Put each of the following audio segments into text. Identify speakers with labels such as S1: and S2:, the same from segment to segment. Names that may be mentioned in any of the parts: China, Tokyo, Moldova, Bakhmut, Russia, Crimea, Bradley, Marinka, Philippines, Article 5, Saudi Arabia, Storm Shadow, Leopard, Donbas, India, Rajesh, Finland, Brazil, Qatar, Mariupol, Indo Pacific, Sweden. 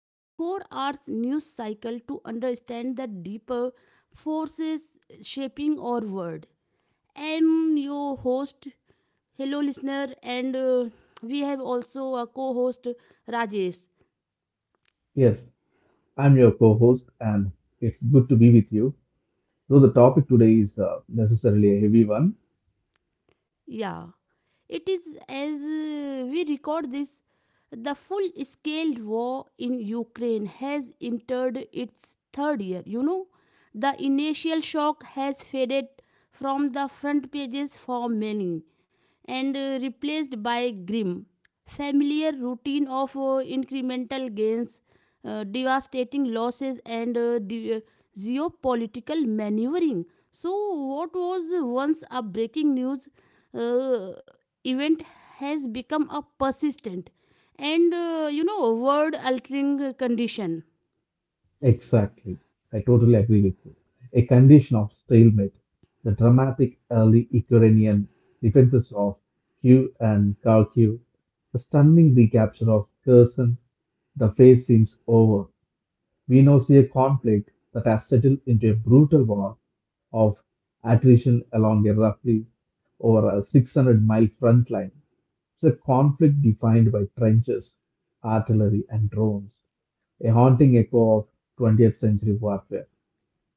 S1: 24 hours news cycle to understand the deeper forces shaping our world. I'm your host, hello listener, and we have also a co host, Rajesh.
S2: Yes, I'm your co host, and it's good to be with you. Though the topic today is necessarily a heavy one.
S1: Yeah, it is as we record this, the full scale war in Ukraine has entered its third year. You know, the initial shock has faded from the front pages for many and replaced by grim familiar routine of incremental gains, devastating losses, and the geopolitical maneuvering. So, what was once a breaking news uh, event has become a persistent and you know world altering condition.
S2: Exactly. I totally agree with you. A condition of stalemate, the dramatic early Ukrainian defenses of Kiev and Kharkiv, the stunning recapture of Kherson, the phase seems over. We now see a conflict that has settled into a brutal war of attrition along a roughly over a 600-mile front line. It's a conflict defined by trenches, artillery, and drones, a haunting echo of 20th century warfare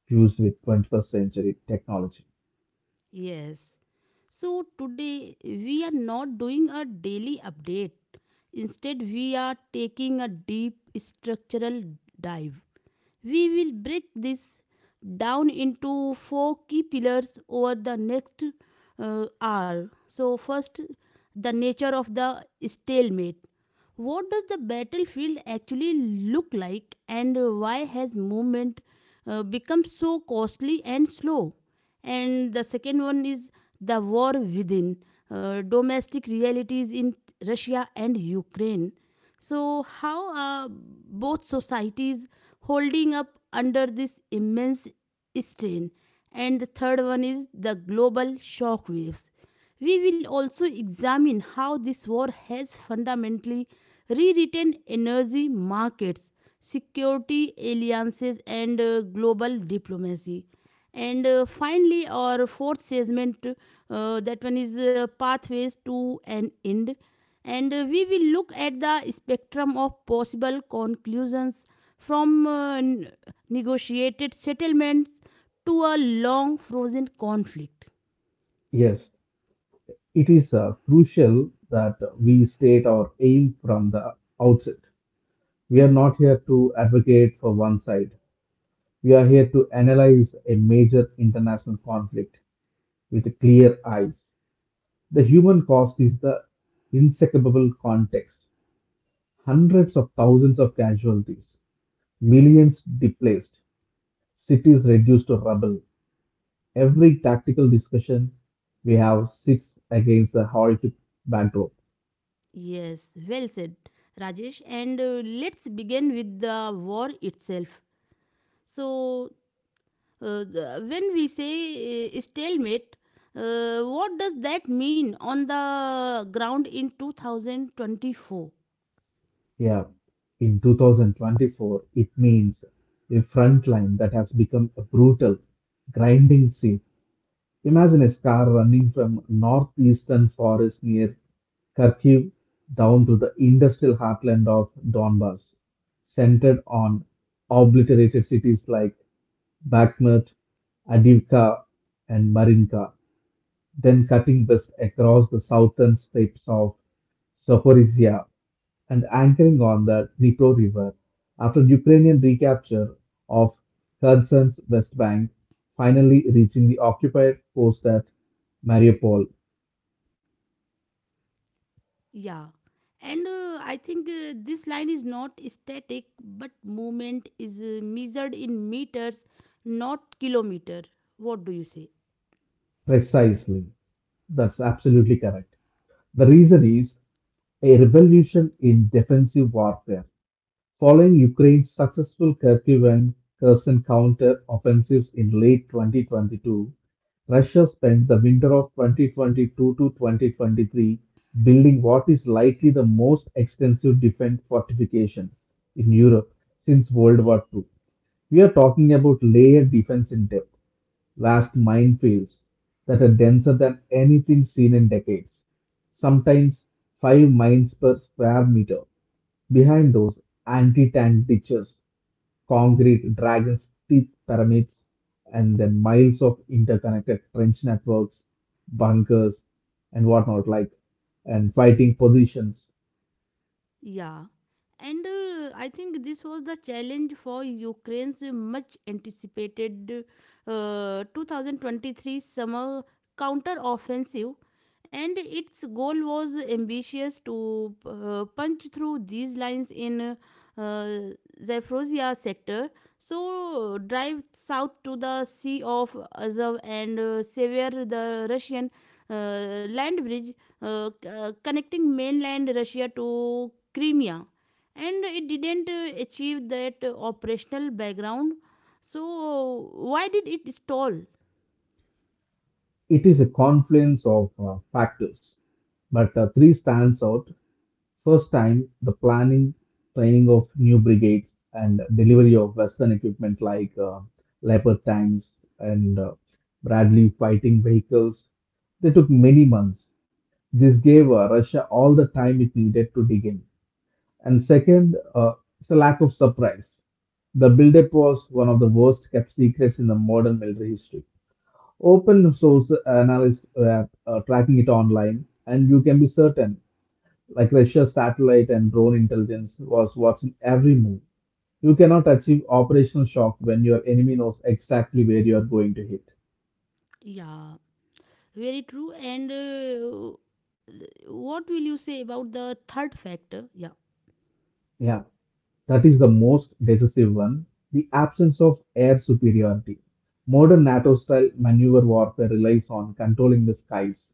S2: fused with 21st century technology.
S1: Yes. So today we are not doing a daily update. Instead, we are taking a deep structural dive. We will break this down into four key pillars over the next hour. So, first, the nature of the stalemate. What does the battlefield actually look like, and why has movement become so costly and slow? And the second one is the war within, domestic realities in Russia and Ukraine. So, how are both societies holding up under this immense strain? And the third one is the global shock waves. We will also examine how this war has fundamentally rewritten energy markets, security alliances, and global diplomacy. And Finally, our fourth segment, that one is pathways to an end. And We will look at the spectrum of possible conclusions from negotiated settlements to a long frozen conflict.
S2: Yes, it is crucial that we state our aim from the outset. We are not here to advocate for one side. We are here to analyze a major international conflict with clear eyes. The human cost is the inseparable context. Hundreds of thousands of casualties, millions displaced, cities reduced to rubble. Every tactical discussion we have sits against a horrific backdrop.
S1: Yes, well said, Rajesh. And Let's begin with the war itself. So, when we say stalemate, what does that mean on the ground in 2024?
S2: Yeah, in 2024, it means a front line that has become a brutal, grinding sea. Imagine a car running from northeastern forest near Kharkiv down to the industrial heartland of Donbas, centered on obliterated cities like Bakhmut, Avdiivka, and Marinka, then cutting west across the southern steppes of Zaporizhia and anchoring on the Dnipro River after Ukrainian recapture of Kherson's West Bank, finally reaching the occupied post at Mariupol.
S1: Yeah. And I think this line is not static, but movement is measured in meters, not kilometer. What do you say?
S2: Precisely. That's absolutely correct. The reason is a revolution in defensive warfare. Following Ukraine's successful Kharkiv and Kherson counter offensives in late 2022, Russia spent the winter of 2022 to 2023 building what is likely the most extensive defense fortification in Europe since World War II. We are talking about layered defense in depth, vast minefields that are denser than anything seen in decades, sometimes five mines per square meter. Behind those, anti tank ditches, concrete dragons teeth pyramids, and then miles of interconnected trench networks, bunkers and whatnot, like, and fighting positions.
S1: Yeah, and I think this was the challenge for Ukraine's much anticipated 2023 summer counter-offensive, and its goal was ambitious to punch through these lines in uh, Zaporozhia sector, so drive south to the Sea of Azov and sever the Russian land bridge connecting mainland Russia to Crimea, and it didn't achieve that operational background. So, why did it stall?
S2: It is a confluence of factors, but three stands out. First time, the planning, training of new brigades and delivery of western equipment like leopard tanks and bradley fighting vehicles, they took many months. This gave Russia all the time it needed to dig in. And second, it's a lack of surprise. The buildup was one of the worst kept secrets in the modern military history. Open source analysts were tracking it online, and you can be certain, like, Russia's satellite and drone intelligence was watching every move. You cannot achieve operational shock when your enemy knows exactly where you are going to hit.
S1: Yeah, very true. And what will you say about the third factor? Yeah,
S2: Yeah. That is the most decisive one, the absence of air superiority. Modern NATO style maneuver warfare relies on controlling the skies.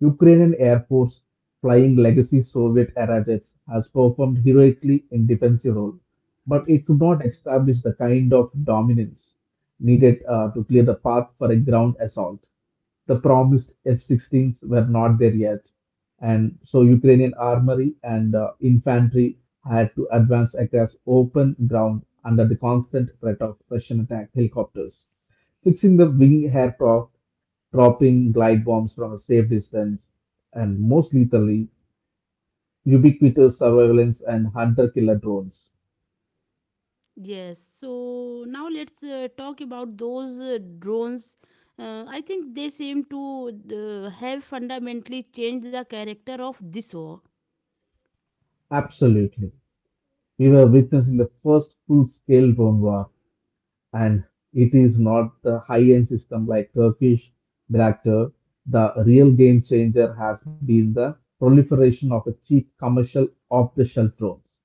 S2: Ukrainian Air Force, flying legacy Soviet era jets, has performed heroically in defensive role, but it could
S1: yes.
S2: not establish the kind of dominance needed to clear the path for a ground assault. The promised F-16s were not there yet, and so Ukrainian armory and infantry had to advance across open ground under the constant threat of Russian attack helicopters fixing the wing hair prop, dropping glide bombs from a safe distance, and most lethally, ubiquitous surveillance and hunter killer drones.
S1: Yes, so now let's talk about those drones. I think they seem to have fundamentally changed the character of this war.
S2: Absolutely. We were witnessing the first full scale drone war, and it is not the high end system like Turkish Bayraktar. The real game changer has been the proliferation of a cheap commercial off the shelf drones,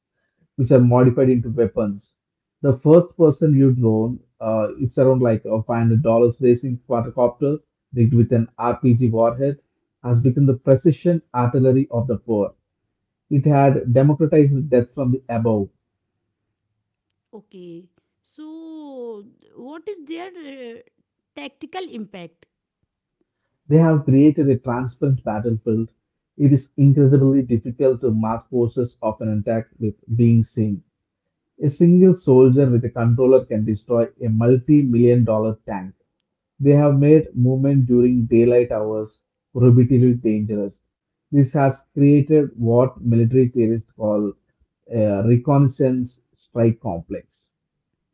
S2: which are modified into weapons. The first person you drone, it's around like a $500 racing quadcopter rigged with an RPG warhead, has become the precision artillery of the poor. It had democratized death from the above.
S1: Okay. So, what is their tactical impact?
S2: They have created a transparent battlefield. It is incredibly difficult to mass forces of an attack with being seen. A single soldier with a controller can destroy a multi million-dollar tank. They have made movement during daylight hours prohibitively dangerous. This has created what military theorists call a reconnaissance strike complex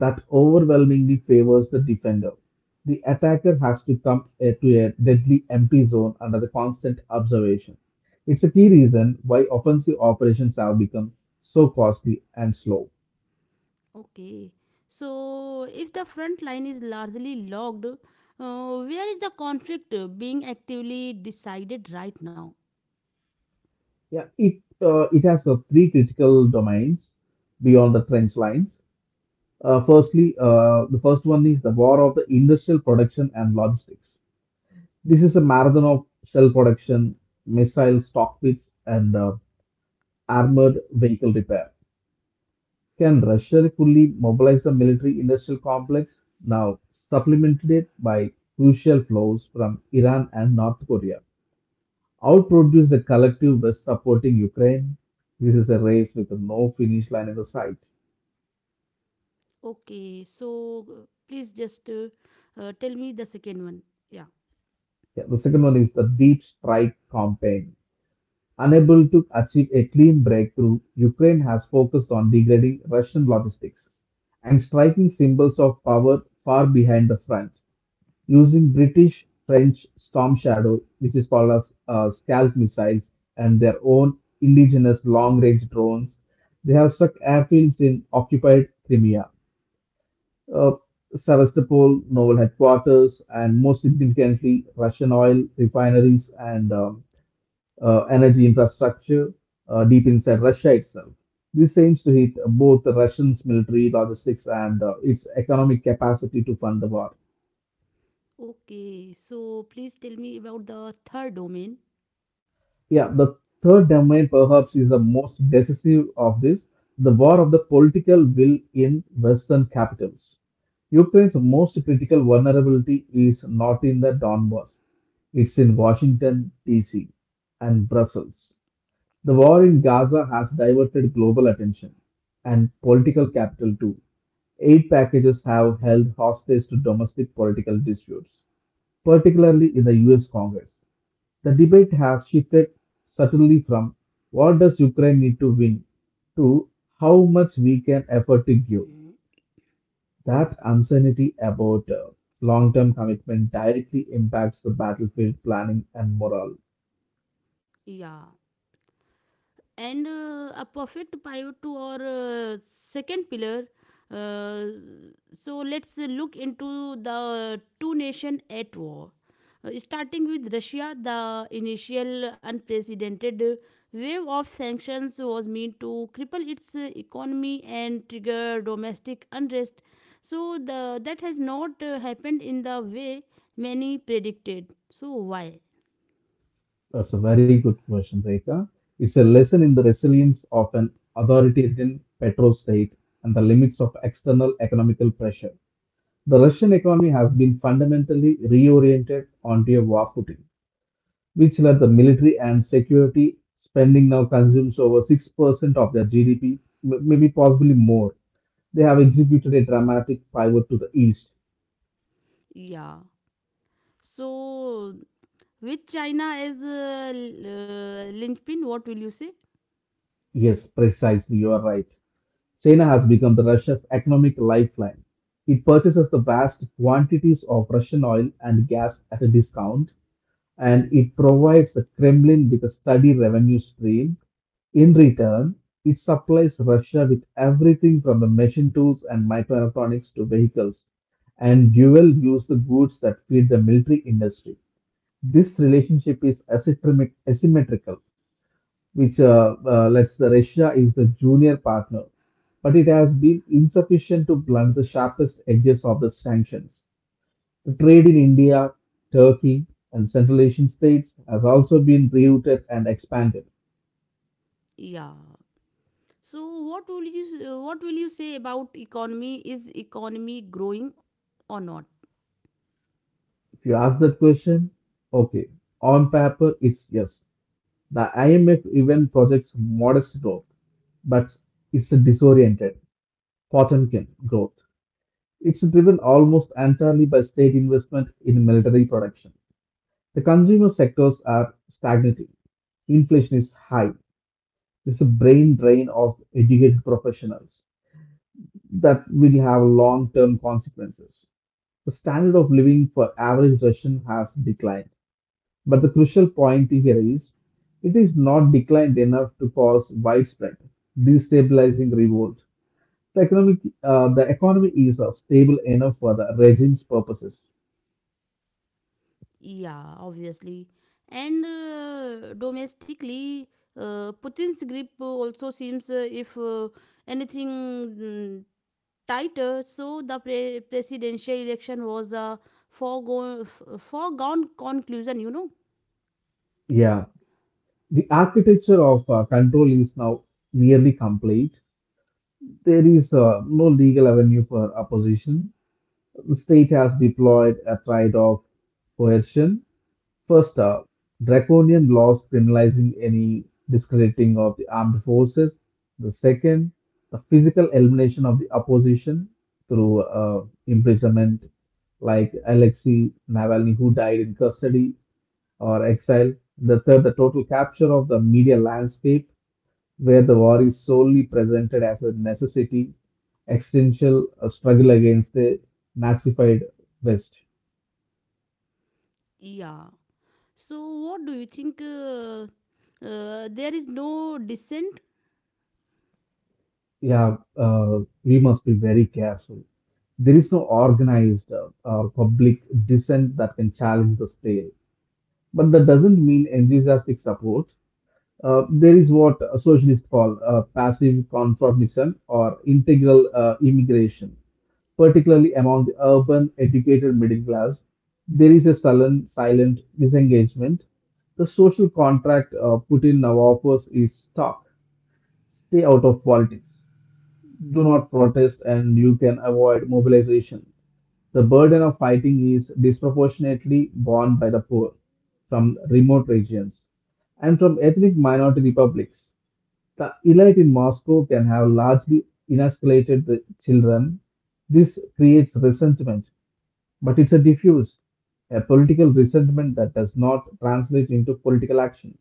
S2: that overwhelmingly favors the defender. The attacker has to come to a deadly empty zone under the constant observation. It's a key reason why offensive operations have become so costly and slow.
S1: Okay. So, if the front line is largely logged, where is the conflict being actively decided right now?
S2: Yeah, it has three critical domains beyond the trench lines. Firstly, the first one is the war of the industrial production and logistics. This is a marathon of shell production, missile stockpits, and armored vehicle repair. Can Russia fully mobilize the military-industrial complex, now supplemented it by crucial flows from Iran and North Korea, outproduce the collective West supporting Ukraine? This is a race with no finish line in the sight.
S1: Okay. So, please just tell me the second one. Yeah.
S2: Yeah, the second one is the deep strike campaign. Unable to achieve a clean breakthrough, Ukraine has focused on degrading Russian logistics and striking symbols of power far behind the front, using British French Storm Shadow, which is called as scalp missiles, and their own indigenous long range drones. They have struck airfields in occupied Crimea, uh, Sevastopol naval headquarters, and most significantly, Russian oil refineries and energy infrastructure deep inside Russia itself. This aims to hit both the Russians' military logistics and its economic capacity to fund the war.
S1: Okay. So, please tell me about the third domain.
S2: Yeah, the third domain perhaps is the most decisive of this, the war of the political will in Western capitals. Ukraine's most critical vulnerability is not in the Donbass, it's in Washington, D.C. and Brussels. The war in Gaza has diverted global attention and political capital too. Aid packages have held hostage to domestic political disputes, particularly in the US Congress. The debate has shifted subtly from what does Ukraine need to win to how much we can afford to give.
S1: Mhm.
S2: That uncertainty about long term commitment directly impacts the battlefield planning and morale.
S1: Yeah. And a perfect pivot to our second pillar. Uh, so let's look into the two nation at war. Starting with Russia, the initial unprecedented wave of sanctions was meant to cripple its economy and trigger domestic unrest. So the that has not happened in the way many predicted. So why?
S2: That's a very good question, Rekha. It's a lesson in the resilience of an authoritarian petrostate and the limits of external economical pressure. The Russian economy has been fundamentally reoriented onto a war footing, which led the military and security spending now consumes over 6% of their GDP, maybe possibly more. They have executed a dramatic pivot to the east.
S1: Yeah. So with China as a linchpin, what will you say?
S2: Yes, precisely, you are right. China has become the Russia's economic lifeline. It purchases the vast quantities of Russian oil and gas at a discount, and it provides the Kremlin with a steady revenue stream. In return, it supplies Russia with everything from the machine tools and microelectronics to vehicles and dual use goods that feed the military industry. This relationship is asymmetrical, which lets the Russia is the junior partner, but it has been insufficient to blunt the sharpest edges of the sanctions. The trade in India, Turkey, and Central Asian states has also been rerouted and expanded.
S1: Yeah. So what will you what will you say about economy? Is economy growing or not?
S2: If you ask that question, okay, on paper it's yes. The IMF even projects modest growth, but it's a disoriented, Potemkin growth. It's driven almost entirely by state investment in military production. The consumer sectors are stagnating. Inflation is high. There's a brain drain of educated professionals that will have long term consequences. The standard of living for average Russian has declined. But the crucial point here is it is not declined enough to cause widespread destabilizing revolt. The economic the economy is stable enough for the regime's purposes.
S1: Yeah, obviously. And domestically, Putin's grip also seems, if anything, mm, tighter. So the presidential election was a foregone conclusion. You know.
S2: Yeah, the architecture of control is now nearly complete. There is no legal avenue for opposition. The state has deployed a triad of coercion. First up, draconian laws criminalizing any discrediting of the armed forces. The second, the physical elimination of the opposition through imprisonment, like Alexei Navalny, who died in custody or exile. The third, the total capture of the media landscape, where the war is solely presented as a necessity, existential struggle against the Nazified West.
S1: Yeah. So, what do you think? There is no dissent.
S2: Yeah, we must be very careful. There is no organized public dissent that can challenge the state. But that doesn't mean enthusiastic support. There is what socialists call passive conformism or integral immigration, particularly among the urban, educated middle class. There is a sullen, silent disengagement. The social contract Putin now offers is talk, stay out of politics, do not protest and you can avoid mobilization. The burden of fighting is disproportionately borne by the poor from remote regions and from ethnic minority republics. The elite in Moscow can have largely inoculated the children. This creates resentment, but it's a diffuse, a political resentment that does not translate into political action.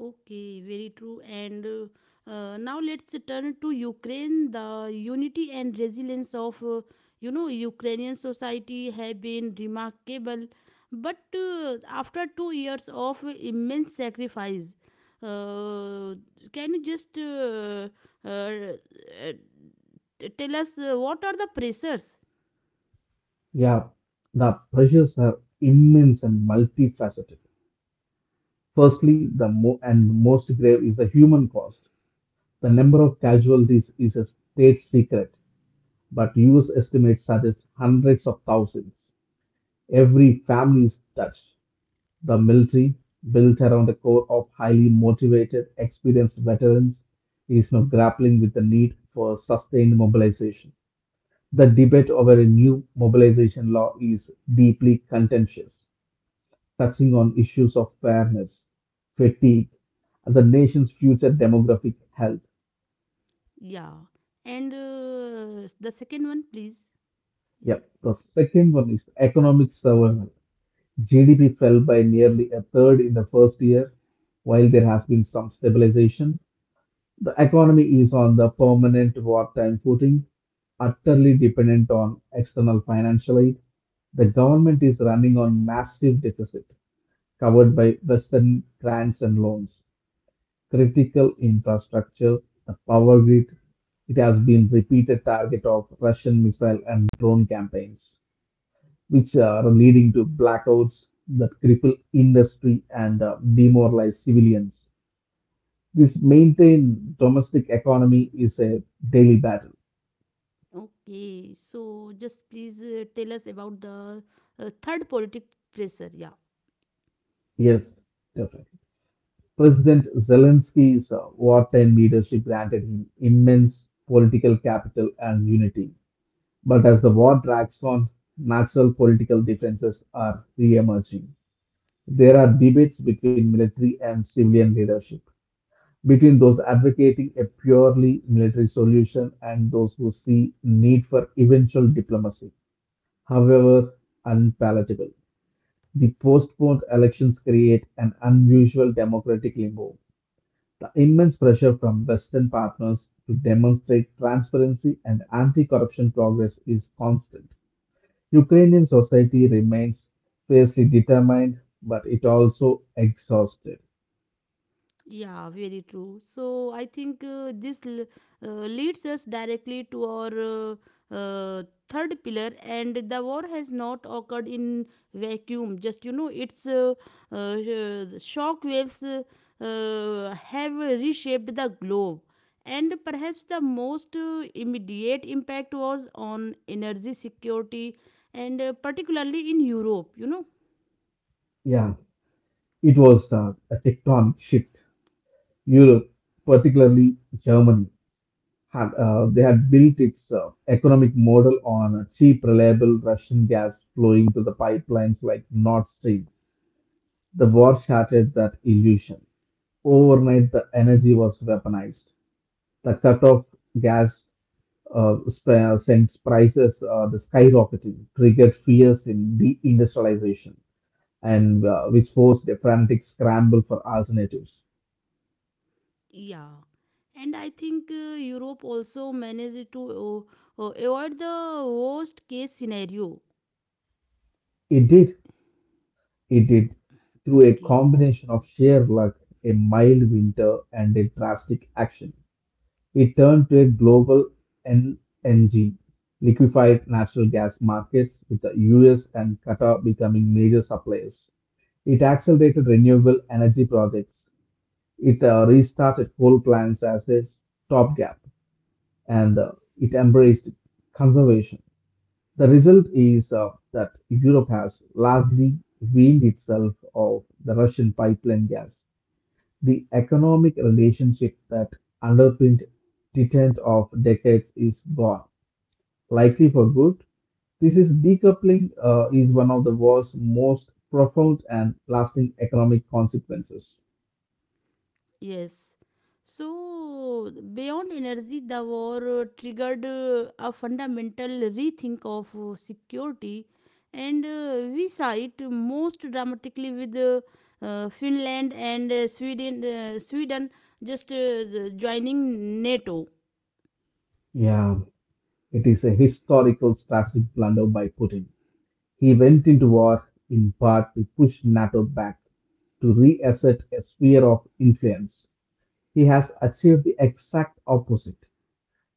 S1: Okay, very true. And Now let's turn to Ukraine. The unity and resilience of you know Ukrainian society have been remarkable. But after 2 years of immense sacrifice, uh, can you just uh, uh, tell us what are the pressures?
S2: Yeah, the pressures are immense and multifaceted. Firstly, the mo- and most grave is the human cost. The number of casualties is a state secret, but US estimates suggest hundreds of thousands. Every family is touched. The military, built around a core of highly motivated, experienced veterans, is now grappling with the need for sustained mobilization. The debate over a new mobilization law is deeply contentious, touching on issues of fairness, fatigue, and the nation's future demographic health.
S1: Yeah. And the second one, please. Yeah.
S2: Yep. The second one is economic survival. GDP fell by nearly a third in the first year. While there has been some stabilization, the economy is on the permanent wartime footing, utterly dependent on external financial aid. The government is running on massive deficit covered by Western grants and loans. Critical infrastructure, the power grid. It has been repeated target of Russian missile and drone campaigns, which are leading to blackouts that cripple industry and demoralize civilians. This maintained domestic economy is a daily battle.
S1: Okay. So just please tell us about the third politic pressure. Yeah.
S2: Yes, definitely. President Zelensky's wartime leadership granted him immense political capital and unity. But as the war drags on, national political differences are re emerging. There are debates between military and civilian leadership, between those advocating a purely military solution and those who see need for eventual diplomacy, however unpalatable. The postponed elections create an unusual democratic limbo. The immense pressure from Western partners to demonstrate transparency and anti corruption progress is constant. Ukrainian society remains fiercely determined, but it also exhausted.
S1: Yeah, very true. So I think this leads us directly to our uh, third pillar, and the war has not occurred in vacuum. Just you know, its shock waves have reshaped the globe, and perhaps the most immediate impact was on energy security, and particularly in Europe. You know.
S2: Yeah, it was a tectonic shift. Europe, particularly Germany, had they had built its economic model on a cheap, reliable Russian gas flowing to the pipelines like Nord Stream. The war shattered that illusion. Overnight, the energy was weaponized. The cut off gas since prices the skyrocketing triggered fears in deindustrialization and which forced a frantic scramble for alternatives.
S1: Yeah, and I think Europe also managed to avoid the worst case scenario.
S2: It did. It
S1: Yo-
S2: did through a
S1: Okay,
S2: combination of sheer luck, a mild winter, and a drastic action. It turned to a global LNG, liquefied natural gas markets, with the US and Qatar becoming major suppliers. It accelerated renewable energy projects. It restarted coal plants as a stopgap and it embraced conservation. The result is that Europe has largely weaned itself of the Russian pipeline gas. The economic relationship that underpinned detent of decades is gone, likely for good. This is decoupling is one of the world's most profound and lasting economic consequences.
S1: yes. So, beyond energy, the war triggered a fundamental rethink of security, and we saw it most dramatically with Finland and Sweden just joining NATO.
S2: Yeah. It is a historical strategic blunder by Putin. He went into war in part to push NATO back, to reassert a sphere of influence. He has achieved the exact opposite.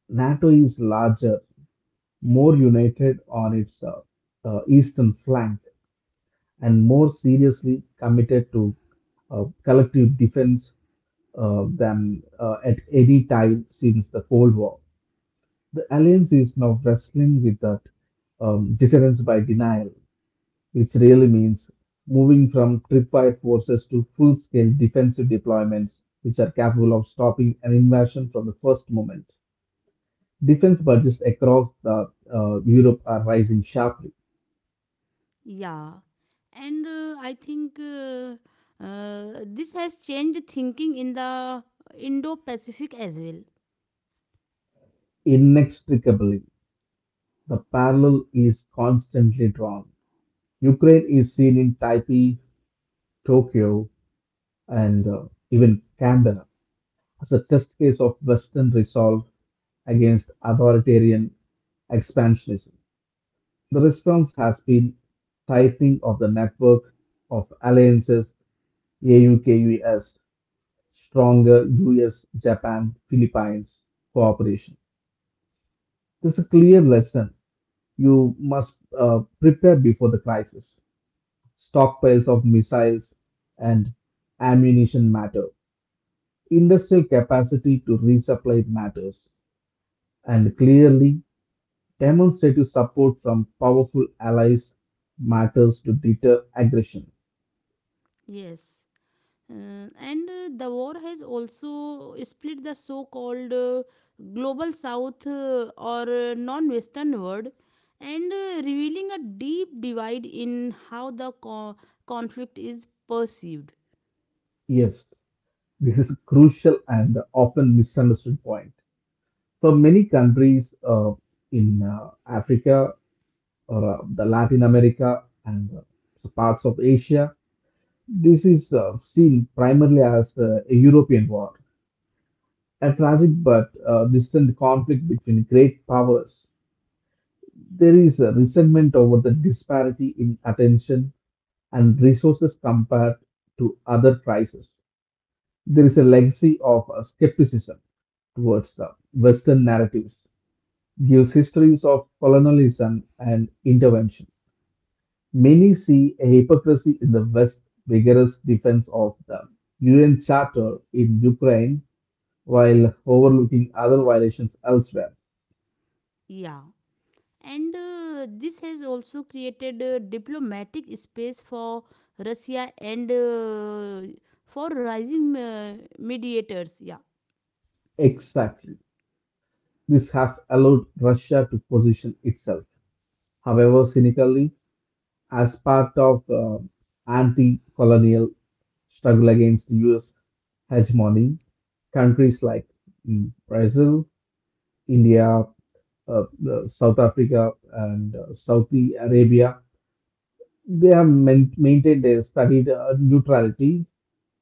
S2: NATO is larger, more united on its eastern flank, and more seriously committed to collective defense than at any time since the Cold War. The alliance is now wrestling with that deterrence by denial, which really means moving from tripwire forces to full scale defensive deployments, which are capable of stopping an invasion from the first moment. Defense budgets across the Europe are rising sharply.
S1: Yeah, and I think this has changed thinking in the Indo Pacific as well.
S2: Inextricably, the parallel is constantly drawn. Ukraine is seen in Taipei, Tokyo, and even Canberra as a test case of Western resolve against authoritarian expansionism. The response has been tightening of the network of alliances AUKUS, stronger US, Japan, Philippines cooperation. This is a clear lesson. You must prepare before the crisis. Stockpiles of missiles and ammunition matter. Industrial capacity to resupply matters. And clearly, demonstrative support from powerful allies matters to deter aggression.
S1: Yes. And the war has also split the so called global south or non western world and revealing a deep divide in how the conflict is perceived.
S2: Yes, this is a crucial and often misunderstood point. So many countries in Africa or the Latin America and so parts of Asia, this is seen primarily as a European war, a tragic but distant conflict between great powers. There is a resentment over the disparity in attention and resources compared to other crises. There is a legacy of skepticism towards the Western narratives, gives histories of colonialism and intervention. Many see a hypocrisy in the West's vigorous defense of the UN Charter in Ukraine while overlooking other violations elsewhere.
S1: Yeah. And this has also created a diplomatic space for Russia and for rising mediators. Yeah,
S2: Exactly. This has allowed Russia to position itself however cynically, as part of anti-colonial struggle against U.S. hegemony. Countries like Brazil, India, South Africa, and Saudi Arabia, they maintained their studied neutrality,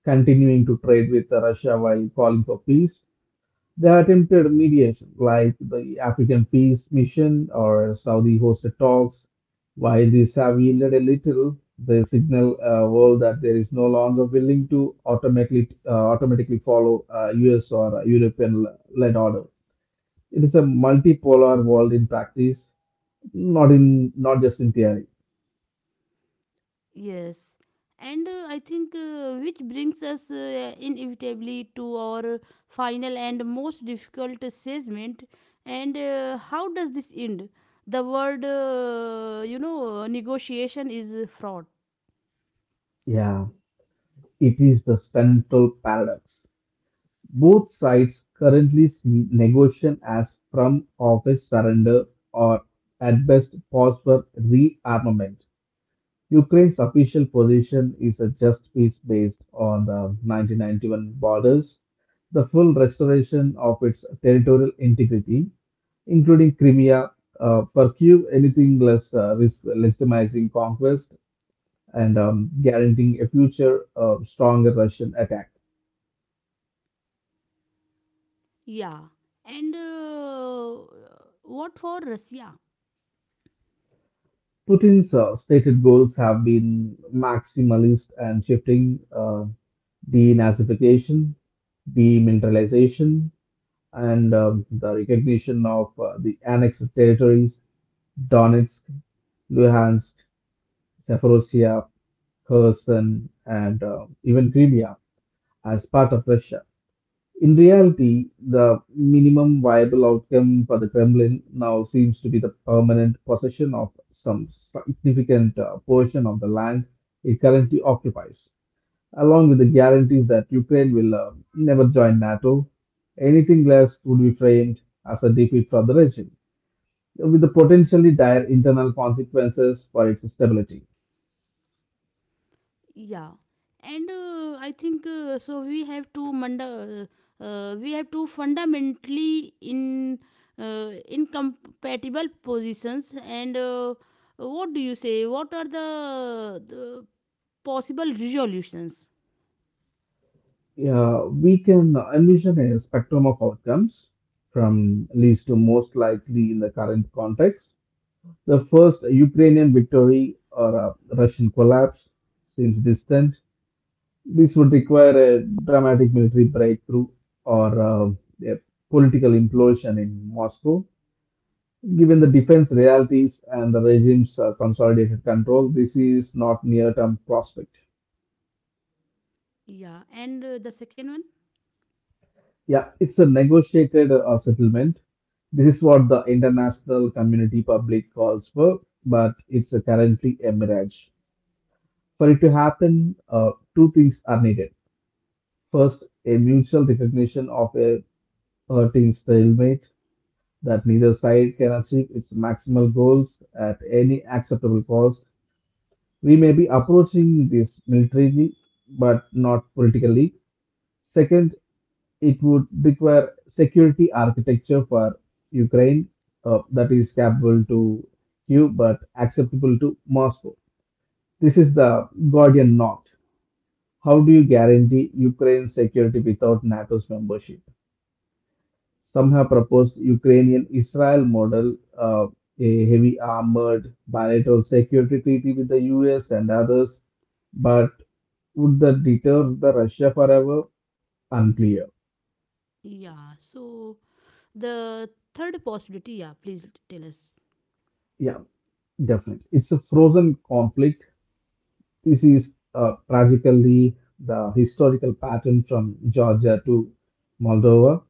S2: continuing to trade with Russia while calling for peace. They attempted mediation, like the African Peace Mission or Saudi hosted talks. While these have yielded a little, they signal a world that there is no longer willing to automatically follow US or European led order. It is a multipolar world in practice, not just in theory.
S1: yes. And I think which brings us inevitably to our final and most difficult assessment. And how does this end? The word, you know, negotiation is fraught.
S2: Yeah, it is the central paradox. Both sides currently see negotiation as from office surrender or at best pause for rearmament. Ukraine's official position is a just peace based on the 1991 borders, the full restoration of its territorial integrity, including Crimea, for Kyiv, anything less risk legitimizing conquest and guaranteeing a future stronger Russian attack.
S1: Yeah. And what for Russia?
S2: Putin's stated goals have been maximalist and shifting, denazification, demineralization, and the recognition of the annexed territories Donetsk, Luhansk, Zaporozhia, Kherson, and even Crimea as part of Russia. In reality, the minimum viable outcome for the Kremlin now seems to be the permanent possession of some significant portion of the land it currently occupies, along with the guarantees that Ukraine will never join NATO. Anything less would be framed as a defeat for the regime, with the potentially dire internal consequences for its stability.
S1: Yeah, and I think we have to fundamentally in incompatible positions. And what do you say? What are the possible resolutions?
S2: Yeah, we can envision a spectrum of outcomes from least to most likely in the current context. The first Ukrainian victory or a Russian collapse seems distant. This would require a dramatic military breakthrough or a political implosion in Moscow. Given the defense realities and the regime's consolidated control, this is not near-term prospect.
S1: Yeah, and the second one.
S2: Yeah, it's a negotiated settlement. This is what the international community public calls for, but it's currently a mirage. For it to happen, two things are needed. First, a mutual recognition of a hurting stalemate that neither side can achieve its maximal goals at any acceptable cost. We may be approaching this militarily, but not politically. Second, it would require security architecture for Ukraine that is capable to Kiev but acceptable to Moscow. This is the Gordian knot. How do you guarantee Ukraine's security without NATO's membership? Some have proposed Ukrainian Israel model, a heavy armored bilateral security treaty with the US and others. But would that deter the Russia forever? Unclear.
S1: Yeah, so the third possibility. Yeah, please tell us.
S2: Yeah, definitely. It's a frozen conflict. This is tragically the historical pattern from Georgia to Moldova.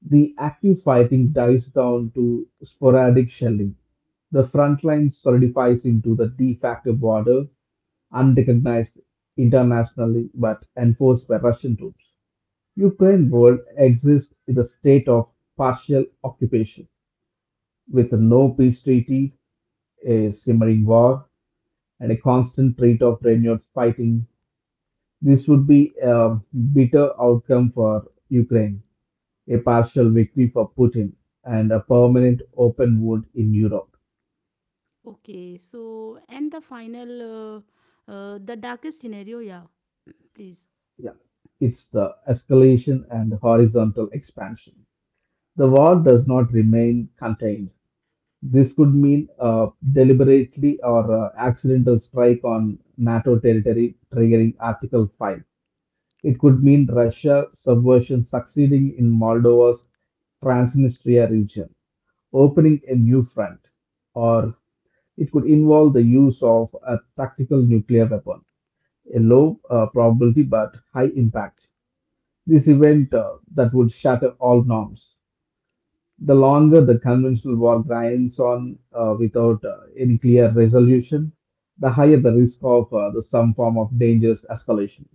S2: The active fighting dies down to sporadic shelling, the front line solidifies into the de facto border, unrecognized internationally but enforced by Russian troops. Ukraine world exists in a state of partial occupation with no peace treaty, a simmering war, and a constant threat of renewed fighting. This would be a bitter outcome for Ukraine, a partial victory for Putin, and a permanent open wound in Europe.
S1: Okay, so and the final, the darkest scenario. Yeah, please.
S2: Yeah. It's the escalation and horizontal expansion. The war does not remain contained. This could mean deliberately or accidental strike on NATO territory, triggering Article 5. It could mean Russia subversion succeeding in Moldova's Transnistria region, opening a new front, or it could involve the use of a tactical nuclear weapon, a low probability but high impact. This event that would shatter all norms. The longer the conventional war grinds on without any clear resolution, the higher the risk of some form of dangerous escalation.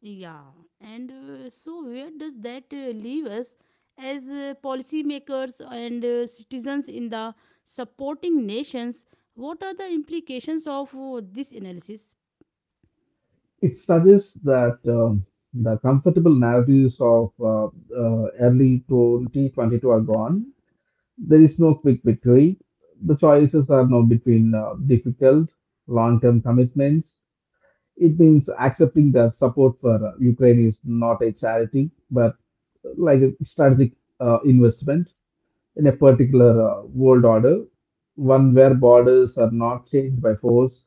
S1: Yeah, and so where does that leave us as policymakers and citizens in the supporting nations? What are the implications of this analysis?
S2: It suggests that the comfortable narratives of early 2022 are gone. There is no quick victory. The choices are now between difficult long term commitments. It means accepting that support for Ukraine is not a charity, but like a strategic investment in a particular world order, one where borders are not changed by force.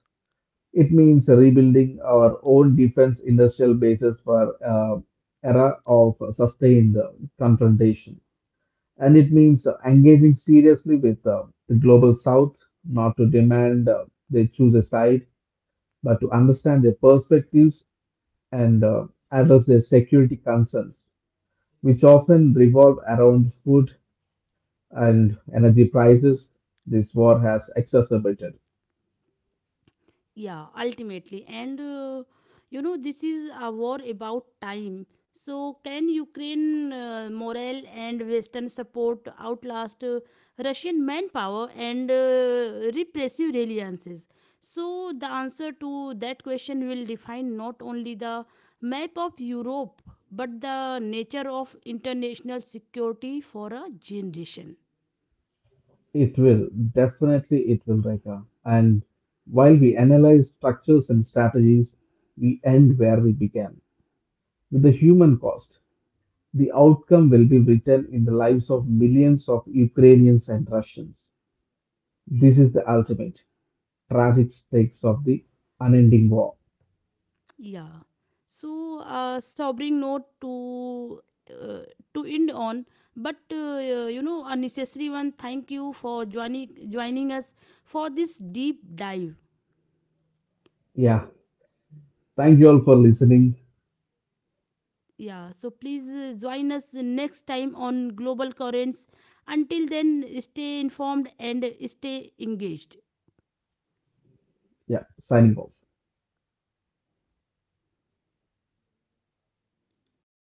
S2: It means rebuilding our own defense industrial bases for era of sustained confrontation. And it means engaging seriously with the global south, not to demand they choose a side, but to understand their perspectives and address their security concerns, which often revolve around food and energy prices this war has exacerbated.
S1: Yeah, ultimately, and you know this is a war about time, so can Ukraine morale and western support outlast Russian manpower and repressive alliances, so the answer to that question will define not only the map of Europe but the nature of international security for a generation.
S2: It will, definitely it will, Rekha. And while we analyze structures and strategies, we end where we began, with the human cost. The outcome will be written in the lives of millions of Ukrainians and Russians. This is the ultimate tragic stakes of the unending war.
S1: Yeah. So a sobering note uh, to end on, but you know a necessary one. Thank you for joining us for this deep dive.
S2: Yeah. Thank you all for listening.
S1: Yeah. So please join us next time on Global Currents. Until then, stay informed and stay engaged.
S2: Yeah. Signing off.